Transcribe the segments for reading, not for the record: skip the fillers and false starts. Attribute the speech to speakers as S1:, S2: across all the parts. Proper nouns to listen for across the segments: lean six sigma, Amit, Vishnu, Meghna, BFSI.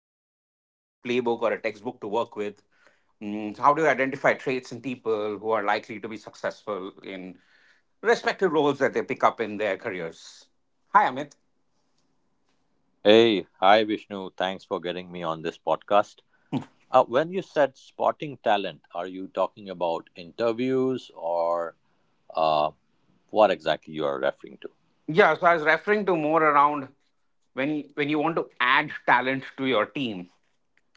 S1: does not have a direct playbook or a textbook to work with. So how do you identify traits in people who are likely to be successful in respective roles that they pick up in their careers? Hi, Amit.
S2: Hey, hi Vishnu. Thanks for getting me on this podcast. When you said spotting talent, are you talking about interviews or uh, what exactly you are referring to?
S1: Yeah, so I was referring to more around when you want to add talent to your team,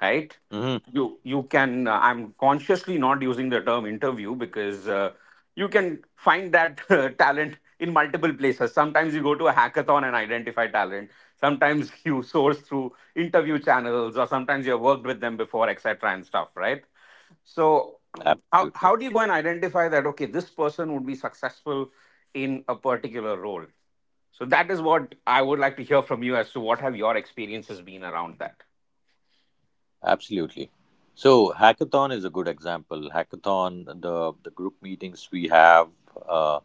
S1: right?
S2: Hmm.
S1: You can. I'm consciously not using the term interview because you can find that talent in multiple places. Sometimes you go to a hackathon and identify talent. Sometimes you source through interview channels, or sometimes you have worked with them before, etc. and stuff, right? So, how
S2: Absolutely.
S1: do you go and identify that, okay, this person would be successful in a particular role? So that is what I would like to hear from you as to what have your experiences been around that.
S2: Absolutely. So hackathon is a good example. Hackathon, the group meetings we have, uh,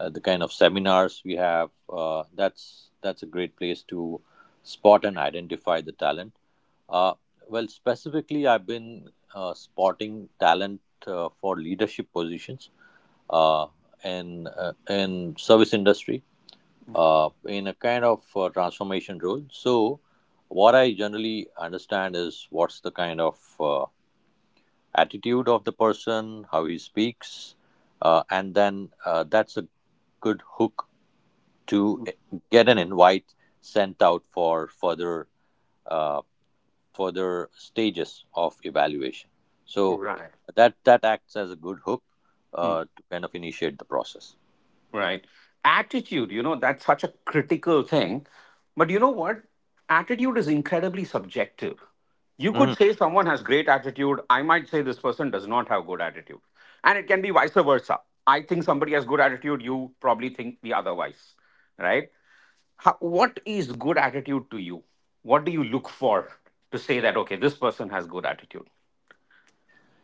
S2: the kind of seminars we have, that's a great place to spot and identify the talent. Uh, well, specifically, I've been spotting talent for leadership positions uh, in in service industry in a kind of transformation role. So, what I generally understand is what's the kind of attitude of the person, how he speaks, and then that's a good hook to get an invite sent out for further uh, further stages of evaluation. So
S1: Right.
S2: that acts as a good hook
S1: Mm.
S2: to kind of initiate the process.
S1: Right. Attitude, that's such a critical thing. But you know what? Attitude is incredibly subjective. You could
S2: Mhm.
S1: say someone has great attitude. I might say this person does not have good attitude. And it can be vice versa. I think somebody has good attitude. You probably think the otherwise, right? What is good attitude to you? What do you look for to say that, okay, this person has good attitude?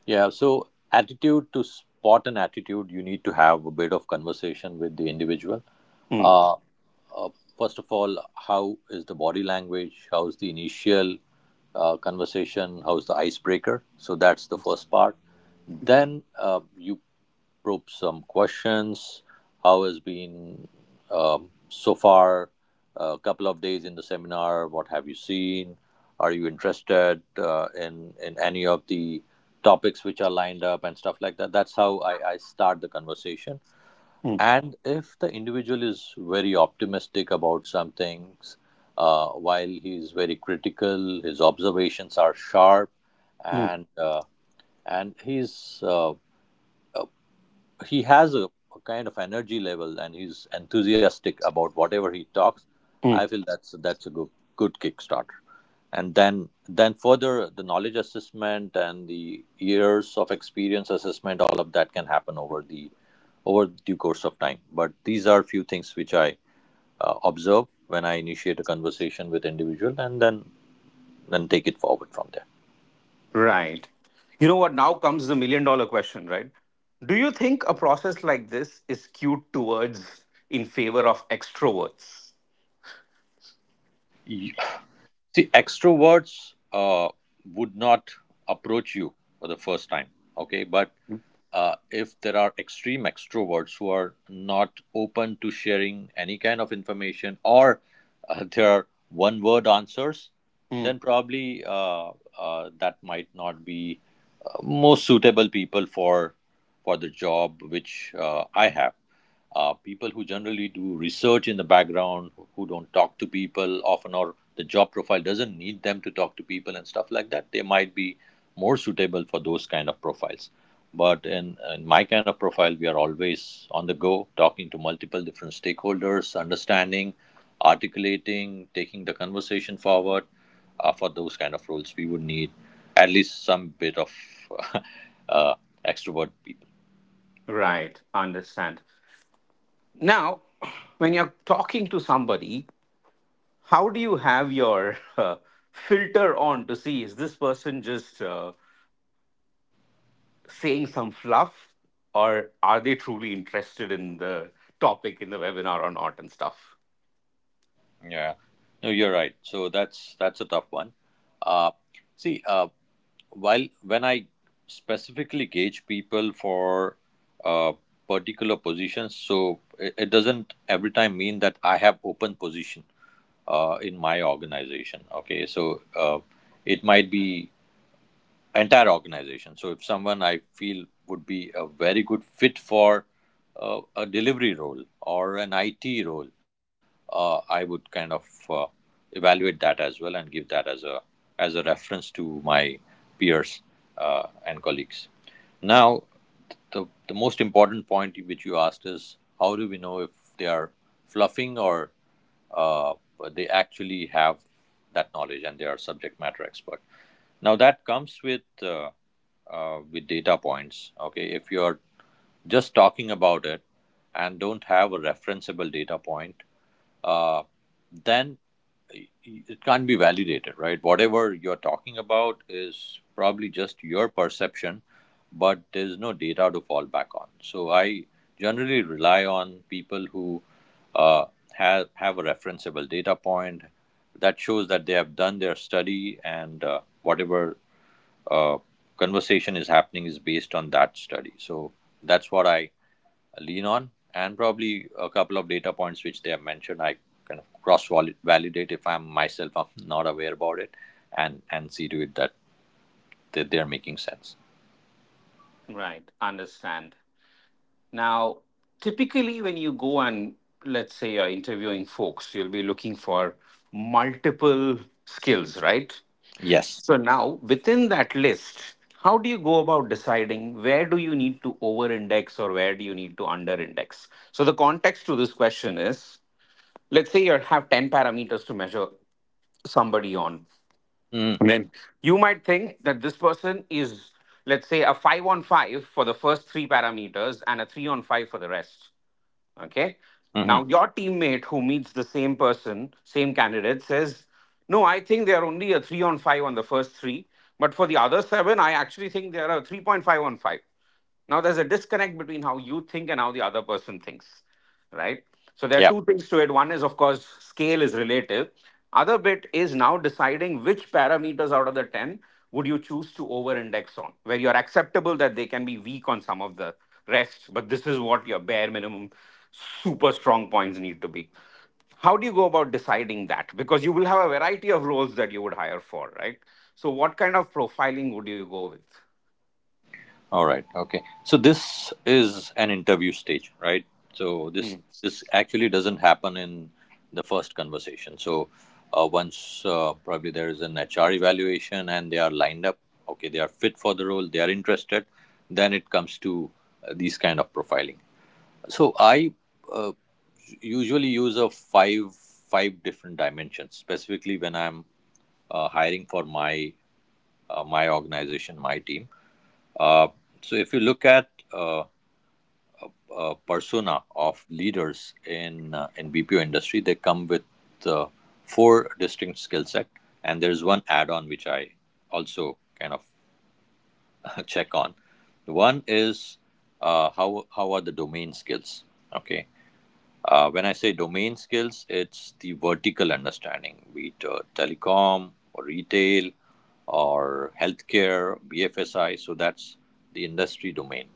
S2: Yeah, so attitude, to spot an attitude, you need to have a bit of conversation with the individual.
S1: Hmm.
S2: Uh, First of all, how is the body language? How's the initial conversation? How's the icebreaker? So that's the first part. Then you probe some questions. How has been so far? A couple of days in the seminar. What have you seen? Are you interested in any of the topics which are lined up and stuff like that? That's how I start the conversation,
S1: Mm,
S2: and if the individual is very optimistic about some things, while he is very critical, his observations are sharp,
S1: mm,
S2: and uh, and he has a kind of energy level and he's enthusiastic about whatever he talks. I
S1: mm.
S2: feel that's a good kickstarter, and then further the knowledge assessment and the years of experience assessment, all of that can happen over the over due course of time, but these are few things which I observe when I initiate a conversation with individual and then take it forward from there.
S1: Right. You know what? Now comes the million dollar question, right? Do you think a process like this is skewed towards in favor of extroverts?
S2: Y- See, extroverts would not approach you for the first time, okay? But if there are extreme extroverts who are not open to sharing any kind of information, or there are one word answers,
S1: Mm,
S2: then probably that might not be most suitable people for the job which I have. People who generally do research in the background, don't talk to people often, or the job profile doesn't need them to talk to people and stuff like that, they might be more suitable for those kind of profiles. But in my kind of profile, we are always on the go, talking to multiple different stakeholders, understanding, articulating, taking the conversation forward. For those kind of roles, we would need at least some bit of uh, extrovert people.
S1: right. Understand. Now, when you're talking to somebody, how do you have your filter on to see is this person just saying some fluff or are they truly interested in the topic in the webinar or not and stuff?
S2: Yeah, no, you're right. So that's a tough one. Uh, see, while when I specifically gauge people for uh, particular positions, so it doesn't every time mean that I have open position in my organization. Okay, so it might be entire organization. So if someone I feel would be a very good fit for a delivery role or an IT role, I would kind of evaluate that as well and give that as a reference to my peers and colleagues. Now, the most important point which you asked is how do we know if they are fluffing or uh, they actually have that knowledge and they are subject matter expert. Now that comes with data points. Okay, if you're just talking about it and don't have a referenceable data point, uh, then it can't be validated, right? Whatever you're talking about is probably just your perception, but there's no data to fall back on. So I generally rely on people who uh, have a referenceable data point, that shows that they have done their study and whatever uh, conversation is happening is based on that study. So that's what I lean on, and probably a couple of data points which they have mentioned. I kind of cross validate, if I'm myself, I'm not aware about it, and see to it that they're making sense.
S1: Right. Understand. Now, typically, when you go and let's say you're interviewing folks, you'll be looking for multiple skills, right?
S2: Yes.
S1: So, now within that list, how do you go about deciding where do you need to over index or where do you need to under index? So, the context to this question is let's say you have 10 parameters to measure somebody on.
S2: Mm-hmm.
S1: And then you might think that this person is, let's say, a five on five for the first three parameters and a three on five for the rest. Okay. Now,
S2: Mm-hmm.
S1: your teammate who meets the same person, same candidate, says, "No, I think they are only a three on five on the first three. But for the other seven, I actually think they are a 3.5 on five." Now, there's a disconnect between how you think and how the other person thinks, right? So there are
S2: Yeah.
S1: two things to it. One is, of course, scale is relative. Other bit is now deciding which parameters out of the 10 would you choose to over index on, where you're acceptable that they can be weak on some of the rest, but this is what your bare minimum super strong points need to be. How do you go about deciding that? Because you will have a variety of roles that you would hire for, right? So what kind of profiling would you go with?
S2: All right. Okay. So this is an interview stage, right? So this
S1: Hmm.
S2: this actually doesn't happen in the first conversation. So once probably there is an HR evaluation and they are lined up, okay, they are fit for the role, they are interested, then it comes to these kind of profiling. So I uh, usually use a five different dimensions, specifically when I'm hiring for my my organization, my team. uh, so if you look at persona of leaders in BPO industry, they come with uh, four distinct skill set, and there's one add-on which I also kind of check on. One is how are the domain skills? Okay, when I say domain skills, it's the vertical understanding, be it telecom or retail or healthcare, BFSI. So that's the industry domain.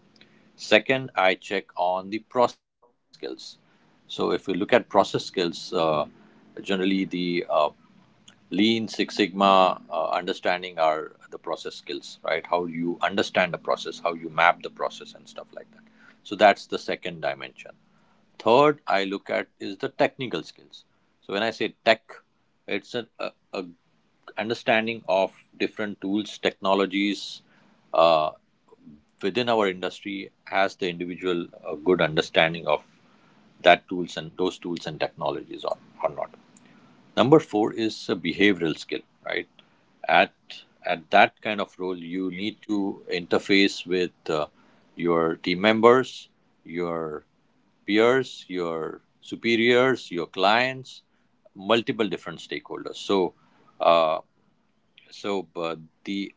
S2: Second, I check on the process skills. So if you look at process skills, generally the lean six sigma understanding are the process skills, right? How you understand the process, how you map the process and stuff like that. So that's the second dimension. Third, I look at is the technical skills. So when I say tech, a understanding of different tools, technologies, uh, within our industry, has the individual a good understanding of that tools and those tools and technologies, or not. Number four is a behavioral skill, right? At at that kind of role, you need to interface with your team members, your peers, your superiors, your clients, multiple different stakeholders. So, uh, so, but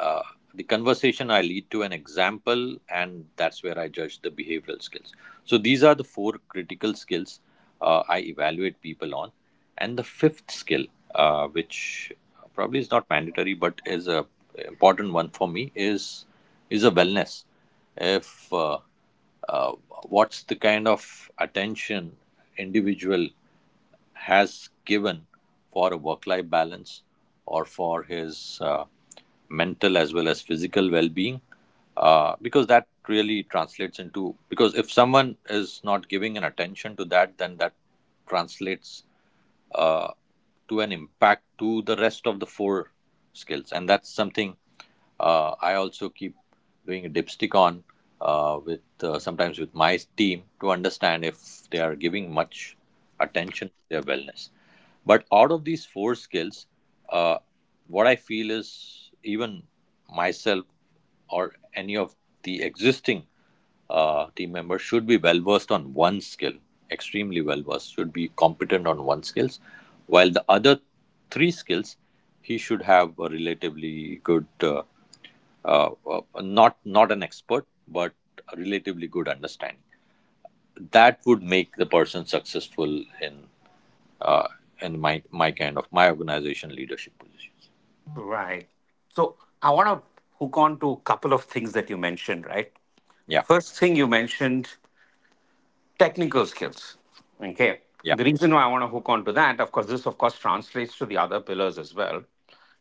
S2: uh, the conversation I lead to an example, and that's where I judge the behavioral skills. So these are the four critical skills I evaluate people on, and the fifth skill, which probably is not mandatory but is a important one for me, is a wellness. If uh, what's the kind of attention individual has given for a work-life balance or for his mental as well as physical well-being, because that really translates into, because if someone is not giving an attention to that, then that translates uh, to an impact to the rest of the four skills, and that's something I also keep doing a dipstick on with sometimes with my team to understand if they are giving much attention to their wellness. But out of these four skills, uh, what I feel is, even myself or any of the existing team members should be well versed on one skill, extremely well versed, should be competent on one skills, while the other three skills he should have a relatively good, not an expert, but a relatively good understanding. That would make the person successful uh, in my kind of my organization leadership positions.
S1: Right. So I want to hook on to a couple of things that you mentioned, right?
S2: Yeah,
S1: First thing you mentioned, technical skills. Okay.
S2: yeah,
S1: The reason why I want to hook on to that, of course, this of course translates to the other pillars as well.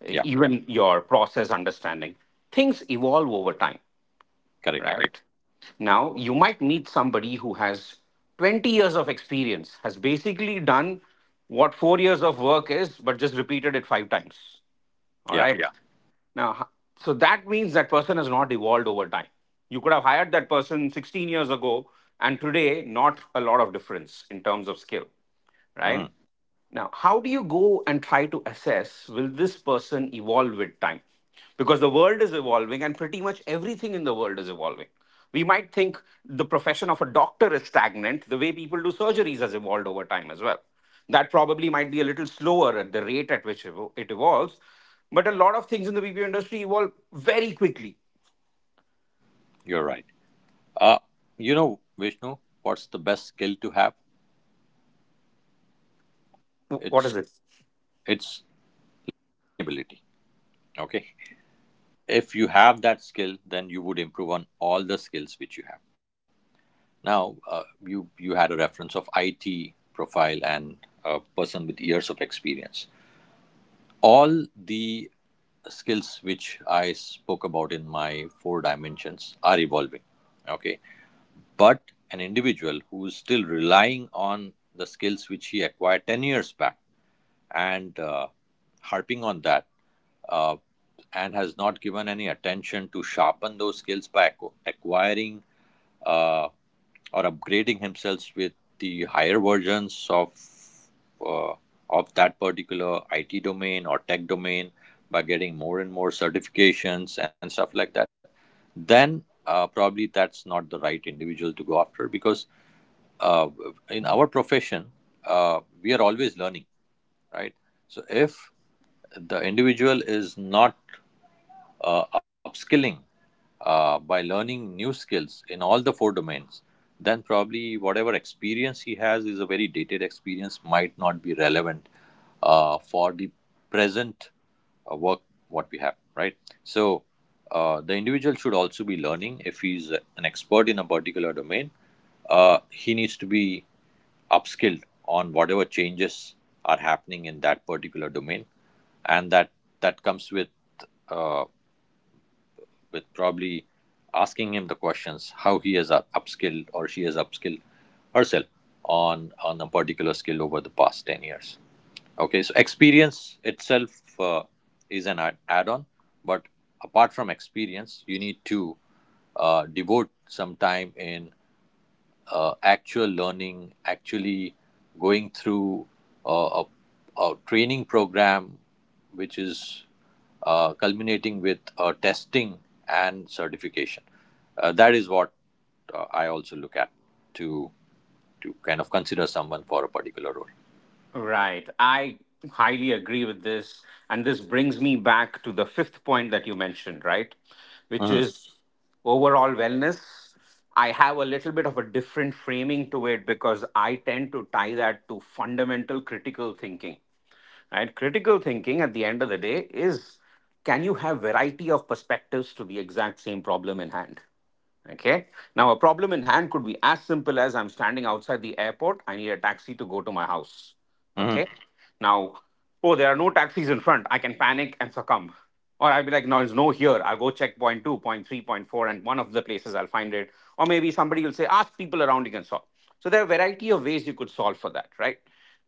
S2: yeah,
S1: Even your process understanding. Things evolve over time,
S2: correct.
S1: right? Now you might meet somebody who has 20 years of experience, has basically done what 4 years of work is, but just repeated it five times. All
S2: Yeah.
S1: right. Yeah. Now, so that means that person has not evolved over time. You could have hired that person 16 years ago, and today, not a lot of difference in terms of skill, right?
S2: Mhm.
S1: Now, how do you go and try to assess will this person evolve with time? Because the world is evolving and pretty much everything in the world is evolving. We might think the profession of a doctor is stagnant, the way people do surgeries has evolved over time as well. That probably might be a little slower at the rate at which it evolves. But a lot of things in the BPO industry evolve very quickly.
S2: You're right. Uh, you know, Vishnu, what's the best skill to have?
S1: What
S2: it's
S1: is it?
S2: it's learnability. Okay? If you have that skill, then you would improve on all the skills which you have. Now you had a reference of IT profile and a person with years of experience. All the skills which I spoke about in my four dimensions are evolving. Okay. But an individual who is still relying on the skills which he acquired 10 years back and harping on that uh, and has not given any attention to sharpen those skills by acquiring uh, or upgrading himself with the higher versions uh, of that particular IT domain or tech domain by getting more and more certifications and stuff like that, then probably that's not the right individual to go after, because uh, in our profession we are always learning, right? So if the individual is not upskilling by learning new skills in all the four domains, then probably whatever experience he has is a very dated experience, might not be relevant for the present work what we have, right? So the individual should also be learning. If he's an expert in a particular domain, he needs to be upskilled on whatever changes are happening in that particular domain, and that comes uh, with probably asking him the questions how he has upskilled or she has upskilled herself on a particular skill over the past 10 years. Okay, so experience itself is an add-on, but apart from experience you need to devote some time in actual learning, actually going through uh, a, a training program, which is culminating with testing and certification. That is what I also look at to to kind of consider someone for a particular role.
S1: Right. I highly agree with this. And this brings me back to the fifth point that you mentioned, right? Which
S2: Mm-hmm.
S1: is overall wellness. I have a little bit of a different framing to it because I tend to tie that to fundamental critical thinking, right? Critical thinking at the end of the day is can you have variety of perspectives to the exact same problem in hand? Okay. Now, a problem in hand could be as simple as I'm standing outside the airport. I need a taxi to go to my house. Okay.
S2: Mm-hmm.
S1: Now, oh, there are no taxis in front. I can panic and succumb. Or I'll be like, no, there's no here. I'll go check point two, point three, point four, and one of the places I'll find it. Or maybe somebody will say, ask people around you can solve. So there are a variety of ways you could solve for that, right?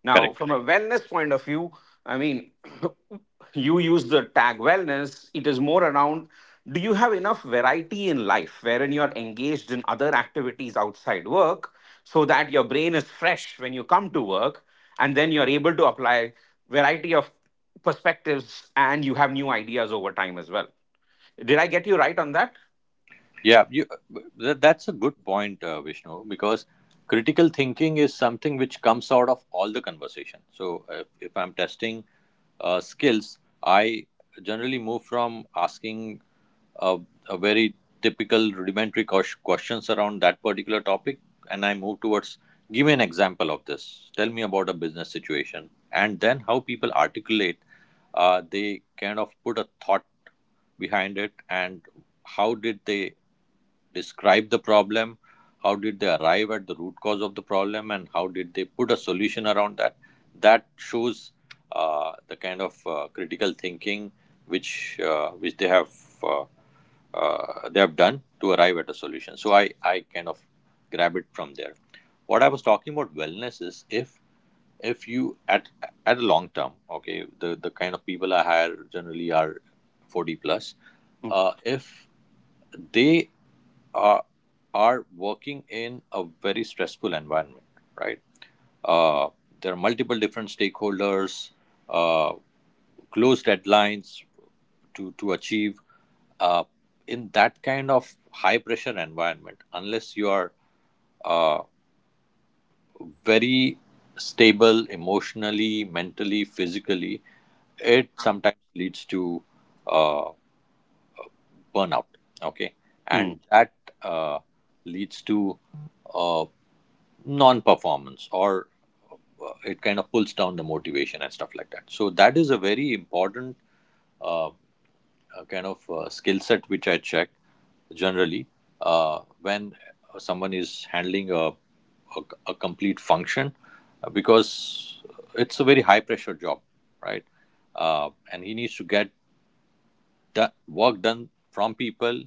S1: Now,
S2: Correct.
S1: from a wellness point of view, I mean, you use the tag wellness, it is more around do you have enough variety in life wherein you're engaged in other activities outside work so that your brain is fresh when you come to work and then you're able to apply variety of perspectives and you have new ideas over time as well. Did I get you right on that?
S2: Yeah, you, that's a good point, Vishnu, because critical thinking is something which comes out of all the conversation. So, if I'm testing skills, I generally move from asking a, a very typical rudimentary questions around that particular topic, and I move towards give me an example of this, tell me about a business situation, and then how people articulate, they kind of put a thought behind it, and how did they describe the problem, how did they arrive at the root cause of the problem, and how did they put a solution around that. That shows the kind of critical thinking which uh, they have done to arrive at a solution. So I kind of grab it from there. What I was talking about wellness is, if you at a long term, okay, the kind of people I hire generally are 40 plus.
S1: Mm,
S2: If they are are working in a very stressful environment, right? Uh, there are multiple different stakeholders, uh, close deadlines to achieve. Uh, in that kind of high pressure environment, unless you are uh, very stable emotionally, mentally, physically, it sometimes leads to uh, burnout. Okay,
S1: mm.
S2: and that uh, leads to uh, non-performance or it kind of pulls down the motivation and stuff like that. So that is a very important uh, kind of skill set which I check generally when someone is handling a complete function, because it's a very high pressure job, right? And he needs to get the work done from people,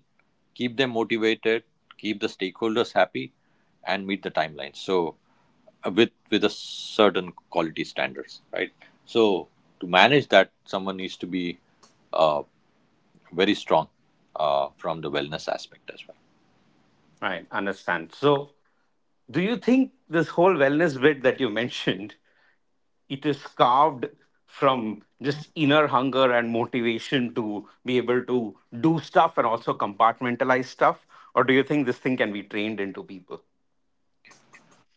S2: keep them motivated, keep the stakeholders happy, and meet the timeline, so with a certain quality standards, right? So to manage that, someone needs to be uh, very strong from the wellness aspect as well.
S1: Right, understand. So do you think this whole wellness bit that you mentioned, it is carved from just inner hunger and motivation to be able to do stuff and also compartmentalize stuff? Or do you think this thing can be trained into people?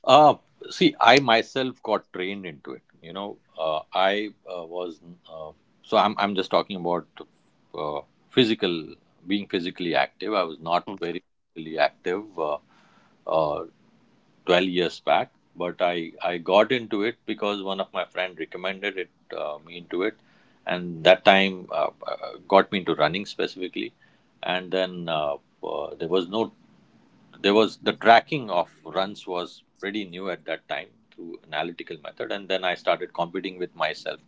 S2: See, I myself got trained into it. You know, I was uh, so I'm just talking about uh, physical, being physically active. I was not very physically active. Uh, 12 years back, but I got into it because one of my friend recommended it, me into it, and that time got me into running specifically. And then there was no there was the tracking of runs was pretty new at that time through analytical method, and then I started competing with myself.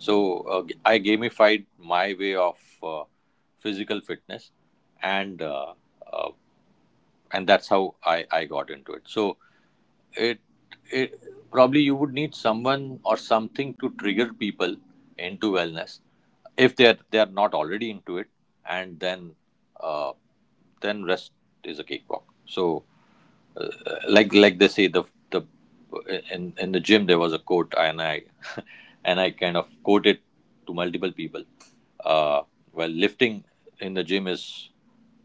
S2: So I gamified my way of physical fitness, and uh, uh, and that's how I got into it. So it, it probably you would need someone or something to trigger people into wellness if they're not already into it. And uh, then rest is a cakewalk. So uh, like they say, the in the gym there was a quote, and I and I kind of quote it to multiple people. Uh, well, lifting in the gym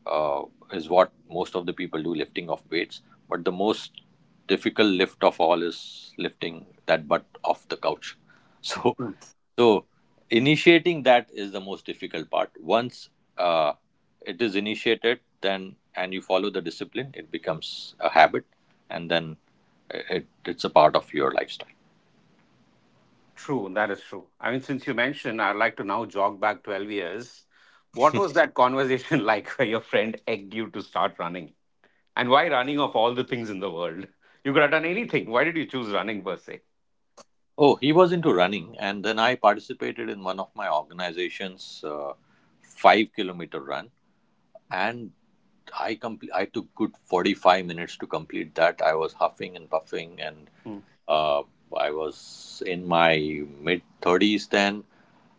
S2: uh, is what most of the people do, lifting of weights, but the most difficult lift of all is lifting that butt off the couch. So
S1: Mm.
S2: so initiating that is the most difficult part. Once uh, it is initiated, then and you follow the discipline, it becomes a habit, and then it's a part of your lifestyle.
S1: True, that is true. I mean, since you mentioned, I'd like to now jog back 12 years. What was that conversation like where your friend egged you to start running? And why running of all the things in the world? You could have done anything. Why did you choose running per se?
S2: Oh, he was into running, and then I participated in one of my organization's 5 kilometer run, and I complete. I took good 45 minutes to complete that. I was huffing and puffing, and uh, I was in my mid thirties then,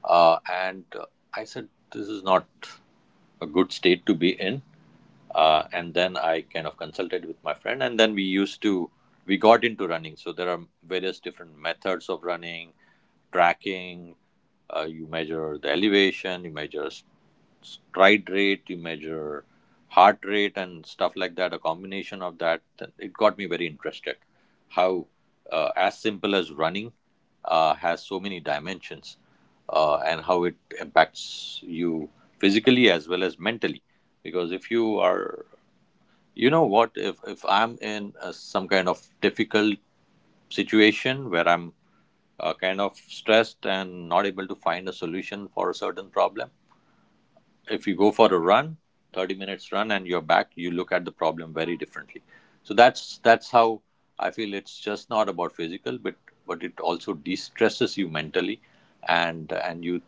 S2: and I said this is not a good state to be in. And then I kind of consulted with my friend, and then we used to we got into running. So there are various different methods of running, tracking. You measure the elevation, you measure stride rate, you measure heart rate and stuff like that, a combination of that. It got me very interested. How as simple as running has so many dimensions and how it impacts you physically as well as mentally. Because if you are, you know what, if I'm in some kind of difficult situation where I'm kind of stressed and not able to find a solution for a certain problem, if you go for a run, 30 minutes run, and you're back, you look at the problem very differently. So that's how I feel. It's just not about physical, but it also de-stresses you mentally, and you,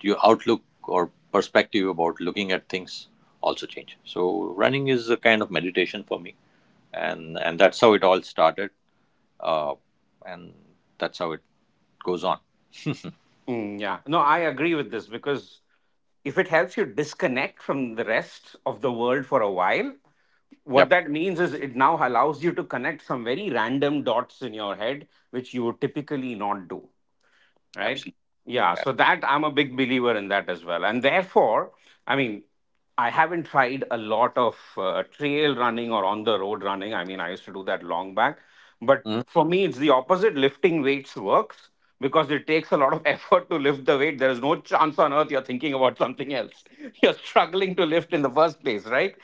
S2: your outlook or perspective about looking at things also change. So running is a kind of meditation for me, and that's how it all started, uh, and that's how it goes on.
S1: Mm, yeah. No, I agree with this because if it helps you disconnect from the rest of the world for a while, what
S2: Yep.
S1: that means is it now allows you to connect some very random dots in your head, which you would typically not do, right?
S2: Absolutely.
S1: Yeah, so that I'm a big believer in that as well, and therefore I mean, I haven't tried a lot of trail running or on the road running. I mean, I used to do that long back, but
S2: Mhm.
S1: for me it's the opposite. Lifting weights works because it takes a lot of effort to lift the weight. There is no chance on earth you're thinking about something else. You're struggling to lift in the first place, right?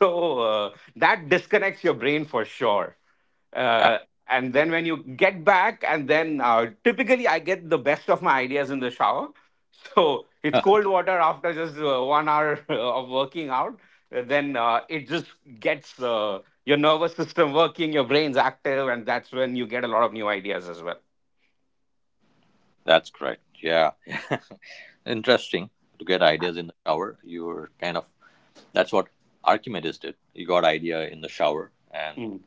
S1: So that disconnects your brain for sure. uh, and then when you get back, and then typically I get the best of my ideas in the shower. So it's cold water after just 1 hour of working out. Then it just gets your nervous system working, your brain's active, and that's when you get a lot of new ideas as well.
S2: That's correct, yeah. Interesting to get ideas in the shower. You're kind of, that's what Archimedes did. He got idea in the shower and
S1: Mm,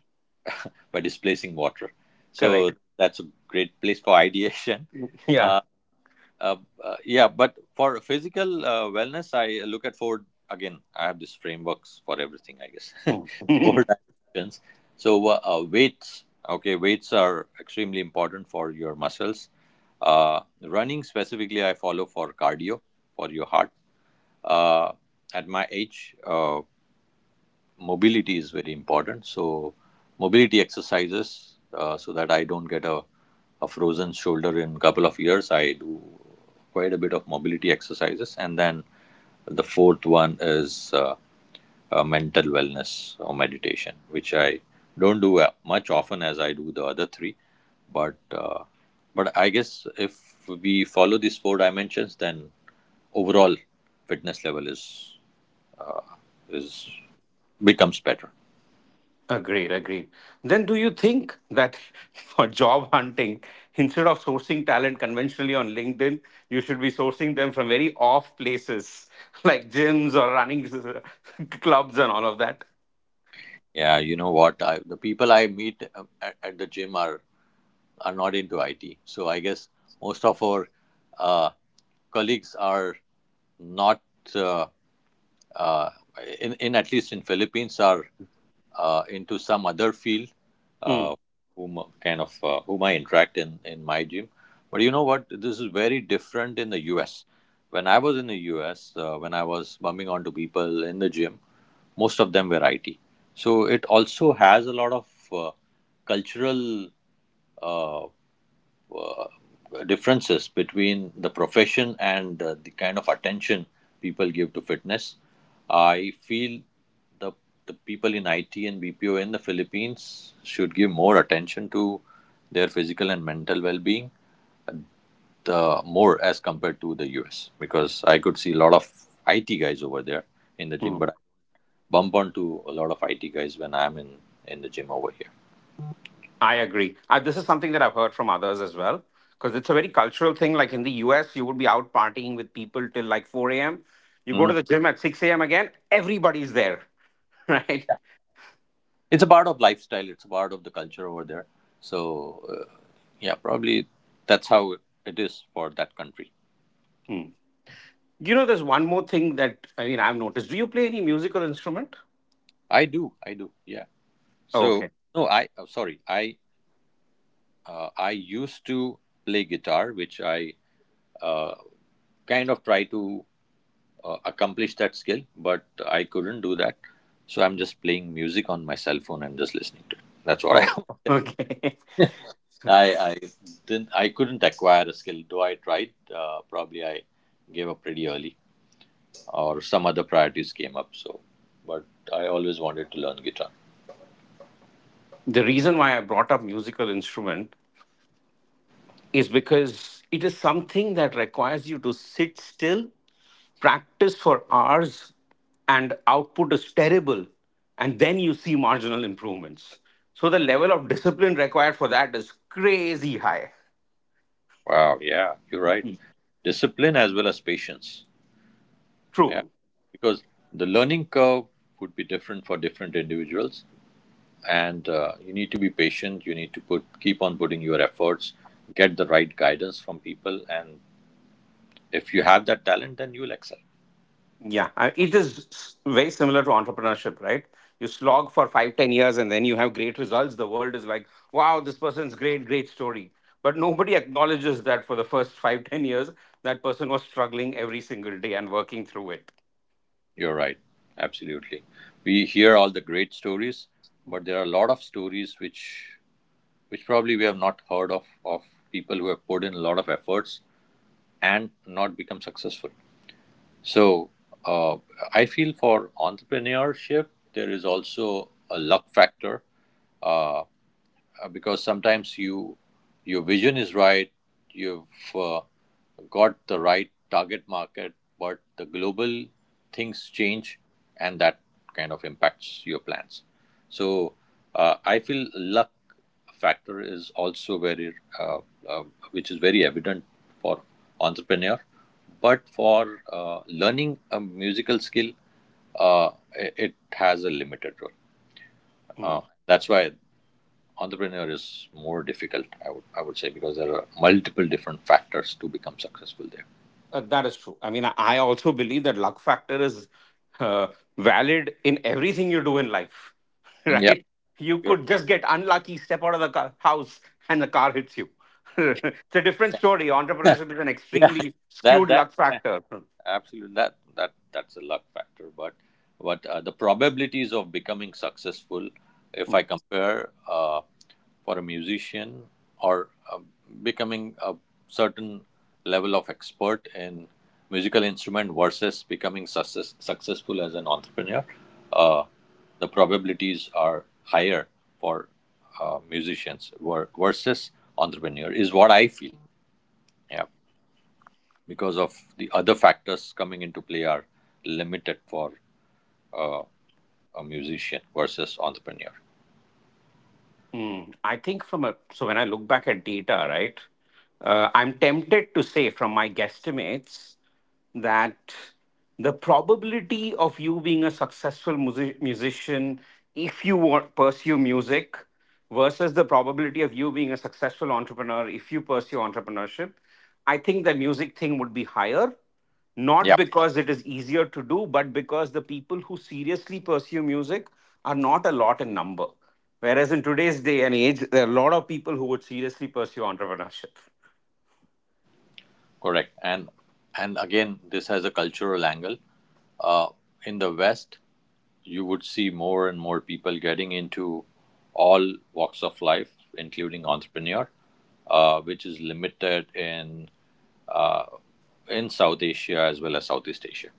S2: by displacing water.
S1: correct,
S2: So that's a great place for ideation. Uh, yeah, but for physical wellness, I look at Ford again. I have these frameworks for everything, I guess.
S1: yeah.
S2: Four dimensions. So weights. Okay, weights are extremely important for your muscles. Running specifically, I follow for cardio for your heart. uh, at my age, mobility is very important. So mobility exercises so that I don't get a frozen shoulder in a couple of years. I do quite a bit of mobility exercises. And then the fourth one is mental wellness or meditation, which I don't do much often as I do the other three. But uh, but I guess if we follow these four dimensions, then overall fitness level is becomes better.
S1: Agreed, agreed. Then do you think that for job hunting, instead of sourcing talent conventionally on LinkedIn, you should be sourcing them from very off places like gyms or running clubs and all of that?
S2: Yeah, you know what? The people I meet at the gym are not into IT, so I guess most of our uh, colleagues are not uh, uh, in, at least in Philippines, are into some other field, uh,
S1: Mm,
S2: whom kind of whom I interact in my gym. But you know what? This is very different in the U.S. When I was in the U.S., when I was bumping onto people in the gym, most of them were IT. So it also has a lot of cultural differences between the profession and the kind of attention people give to fitness. I feel the the people in IT and BPO in the Philippines should give more attention to their physical and mental well-being, the more as compared to the US, because I could see a lot of IT guys over there in the gym, but I
S1: mm.
S2: bump onto a lot of IT guys when I'm in the gym over here.
S1: I agree. I, this is something that I've heard from others as well, because it's a very cultural thing. Like in the US, you would be out partying with people till like 4 a.m. You go
S2: Mhm.
S1: to the gym at 6 a.m. again, everybody's there, right?
S2: It's a part of lifestyle. It's a part of the culture over there. So yeah, probably that's how it is for that country.
S1: Mm. You know, there's one more thing that I mean I've noticed. Do you play any musical instrument?
S2: I do. I do. Yeah.
S1: Oh,
S2: So
S1: okay.
S2: no, I oh, sorry. I used to play guitar, which I uh, kind of try to accomplish that skill, but I couldn't do that. So I'm just playing music on my cell phone and just listening to it. That's what
S1: Oh,
S2: I.
S1: okay.
S2: I didn't, I couldn't acquire a skill though I tried. Probably I gave up pretty early or some other priorities came up. So but I always wanted to learn guitar.
S1: The reason why I brought up musical instrument is because it is something that requires you to sit still, practice for hours, and output is terrible, and then you see marginal improvements. So the level of discipline required for that is crazy high.
S2: Wow, yeah, you're right. Discipline as well as patience. Yeah,
S1: True.
S2: because the learning curve would be different for different individuals, and you need to be patient. You need to put keep on putting your efforts, get the right guidance from people, and if you have that talent, then you will excel.
S1: Yeah, it is very similar to entrepreneurship, right? You slog for 5, 10 years, and then you have great results. The world is like, wow, this person's great, great story. But nobody acknowledges that for the first 5, 10 years, that person was struggling every single day and working through it.
S2: You're right, absolutely. We hear all the great stories, but there are a lot of stories which probably we have not heard of people who have put in a lot of efforts and not become successful. So uh, I feel for entrepreneurship there is also a luck factor, because sometimes you, your vision is right, you've got the right target market, but the global things change, and that kind of impacts your plans. So I feel luck factor is also very uh, which is very evident for entrepreneur. But for learning a musical skill, uh, it has a limited role.
S1: Hmm.
S2: uh, that's why entrepreneur is more difficult, I would say, because there are multiple different factors to become successful there.
S1: That is true. I mean, I also believe that luck factor is uh, valid in everything you do in life,
S2: Mm, yeah,
S1: right? You
S2: you're,
S1: could just get unlucky, step out of the car, house, and the car hits you. It's a different story. Entrepreneurship is an
S2: yeah.
S1: extremely
S2: that
S1: skewed
S2: that
S1: luck factor. Hmm.
S2: Absolutely, that's a luck factor, but the probabilities of becoming successful, if I compare for a musician or becoming a certain level of expert in musical instrument versus becoming successful as an entrepreneur, uh, the probabilities are higher for musicians versus entrepreneur, is what I feel. Yeah, because of the other factors coming into play are limited for a musician versus entrepreneur.
S1: Mm, I think from a so when I look back at data, right, I'm tempted to say from my guesstimates that the probability of you being a successful musician if you want pursue music versus the probability of you being a successful entrepreneur if you pursue entrepreneurship, I think the music thing would be higher not
S2: Yeah.
S1: because it is easier to do, but because the people who seriously pursue music are not a lot in number. Whereas in today's day and age, there are a lot of people who would seriously pursue entrepreneurship.
S2: Correct. And again, this has a cultural angle. Uh, in the West, you would see more and more people getting into all walks of life, including entrepreneur, which is limited uh, in South Asia as well as Southeast Asia.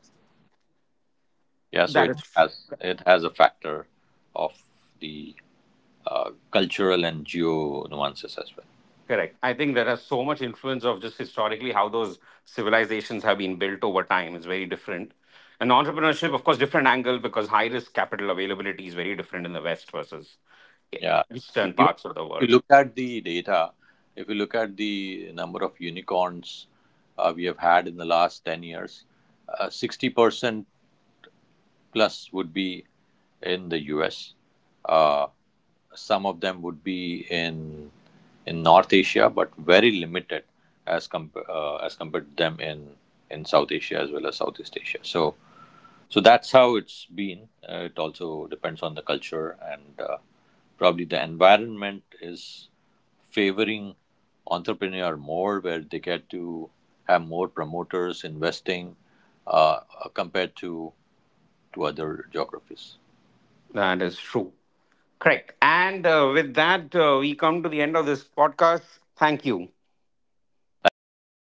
S2: Yeah, so
S1: That is true.
S2: it has a factor of the cultural and geo nuances as well.
S1: Correct. I think there is so much influence of just historically how those civilizations have been built over time is very different. And entrepreneurship, of course, different angle because high risk capital availability is very different in the West versus
S2: Yeah,
S1: eastern
S2: even
S1: parts of the
S2: if you
S1: world.
S2: look at the data, if you look at the number of unicorns we have had in the last 10 years, 60% plus would be in the U.S. Uh, some of them would be in North Asia, but very limited as as compared to them in South Asia as well as Southeast Asia. So so that's how it's been. It also depends on the culture and probably the environment is favoring entrepreneur more, where they get to have more promoters investing uh, compared to other geographies.
S1: That is true. Correct. And with that, we come to the end of this podcast. Thank you.
S2: Thanks, Vishnu. It was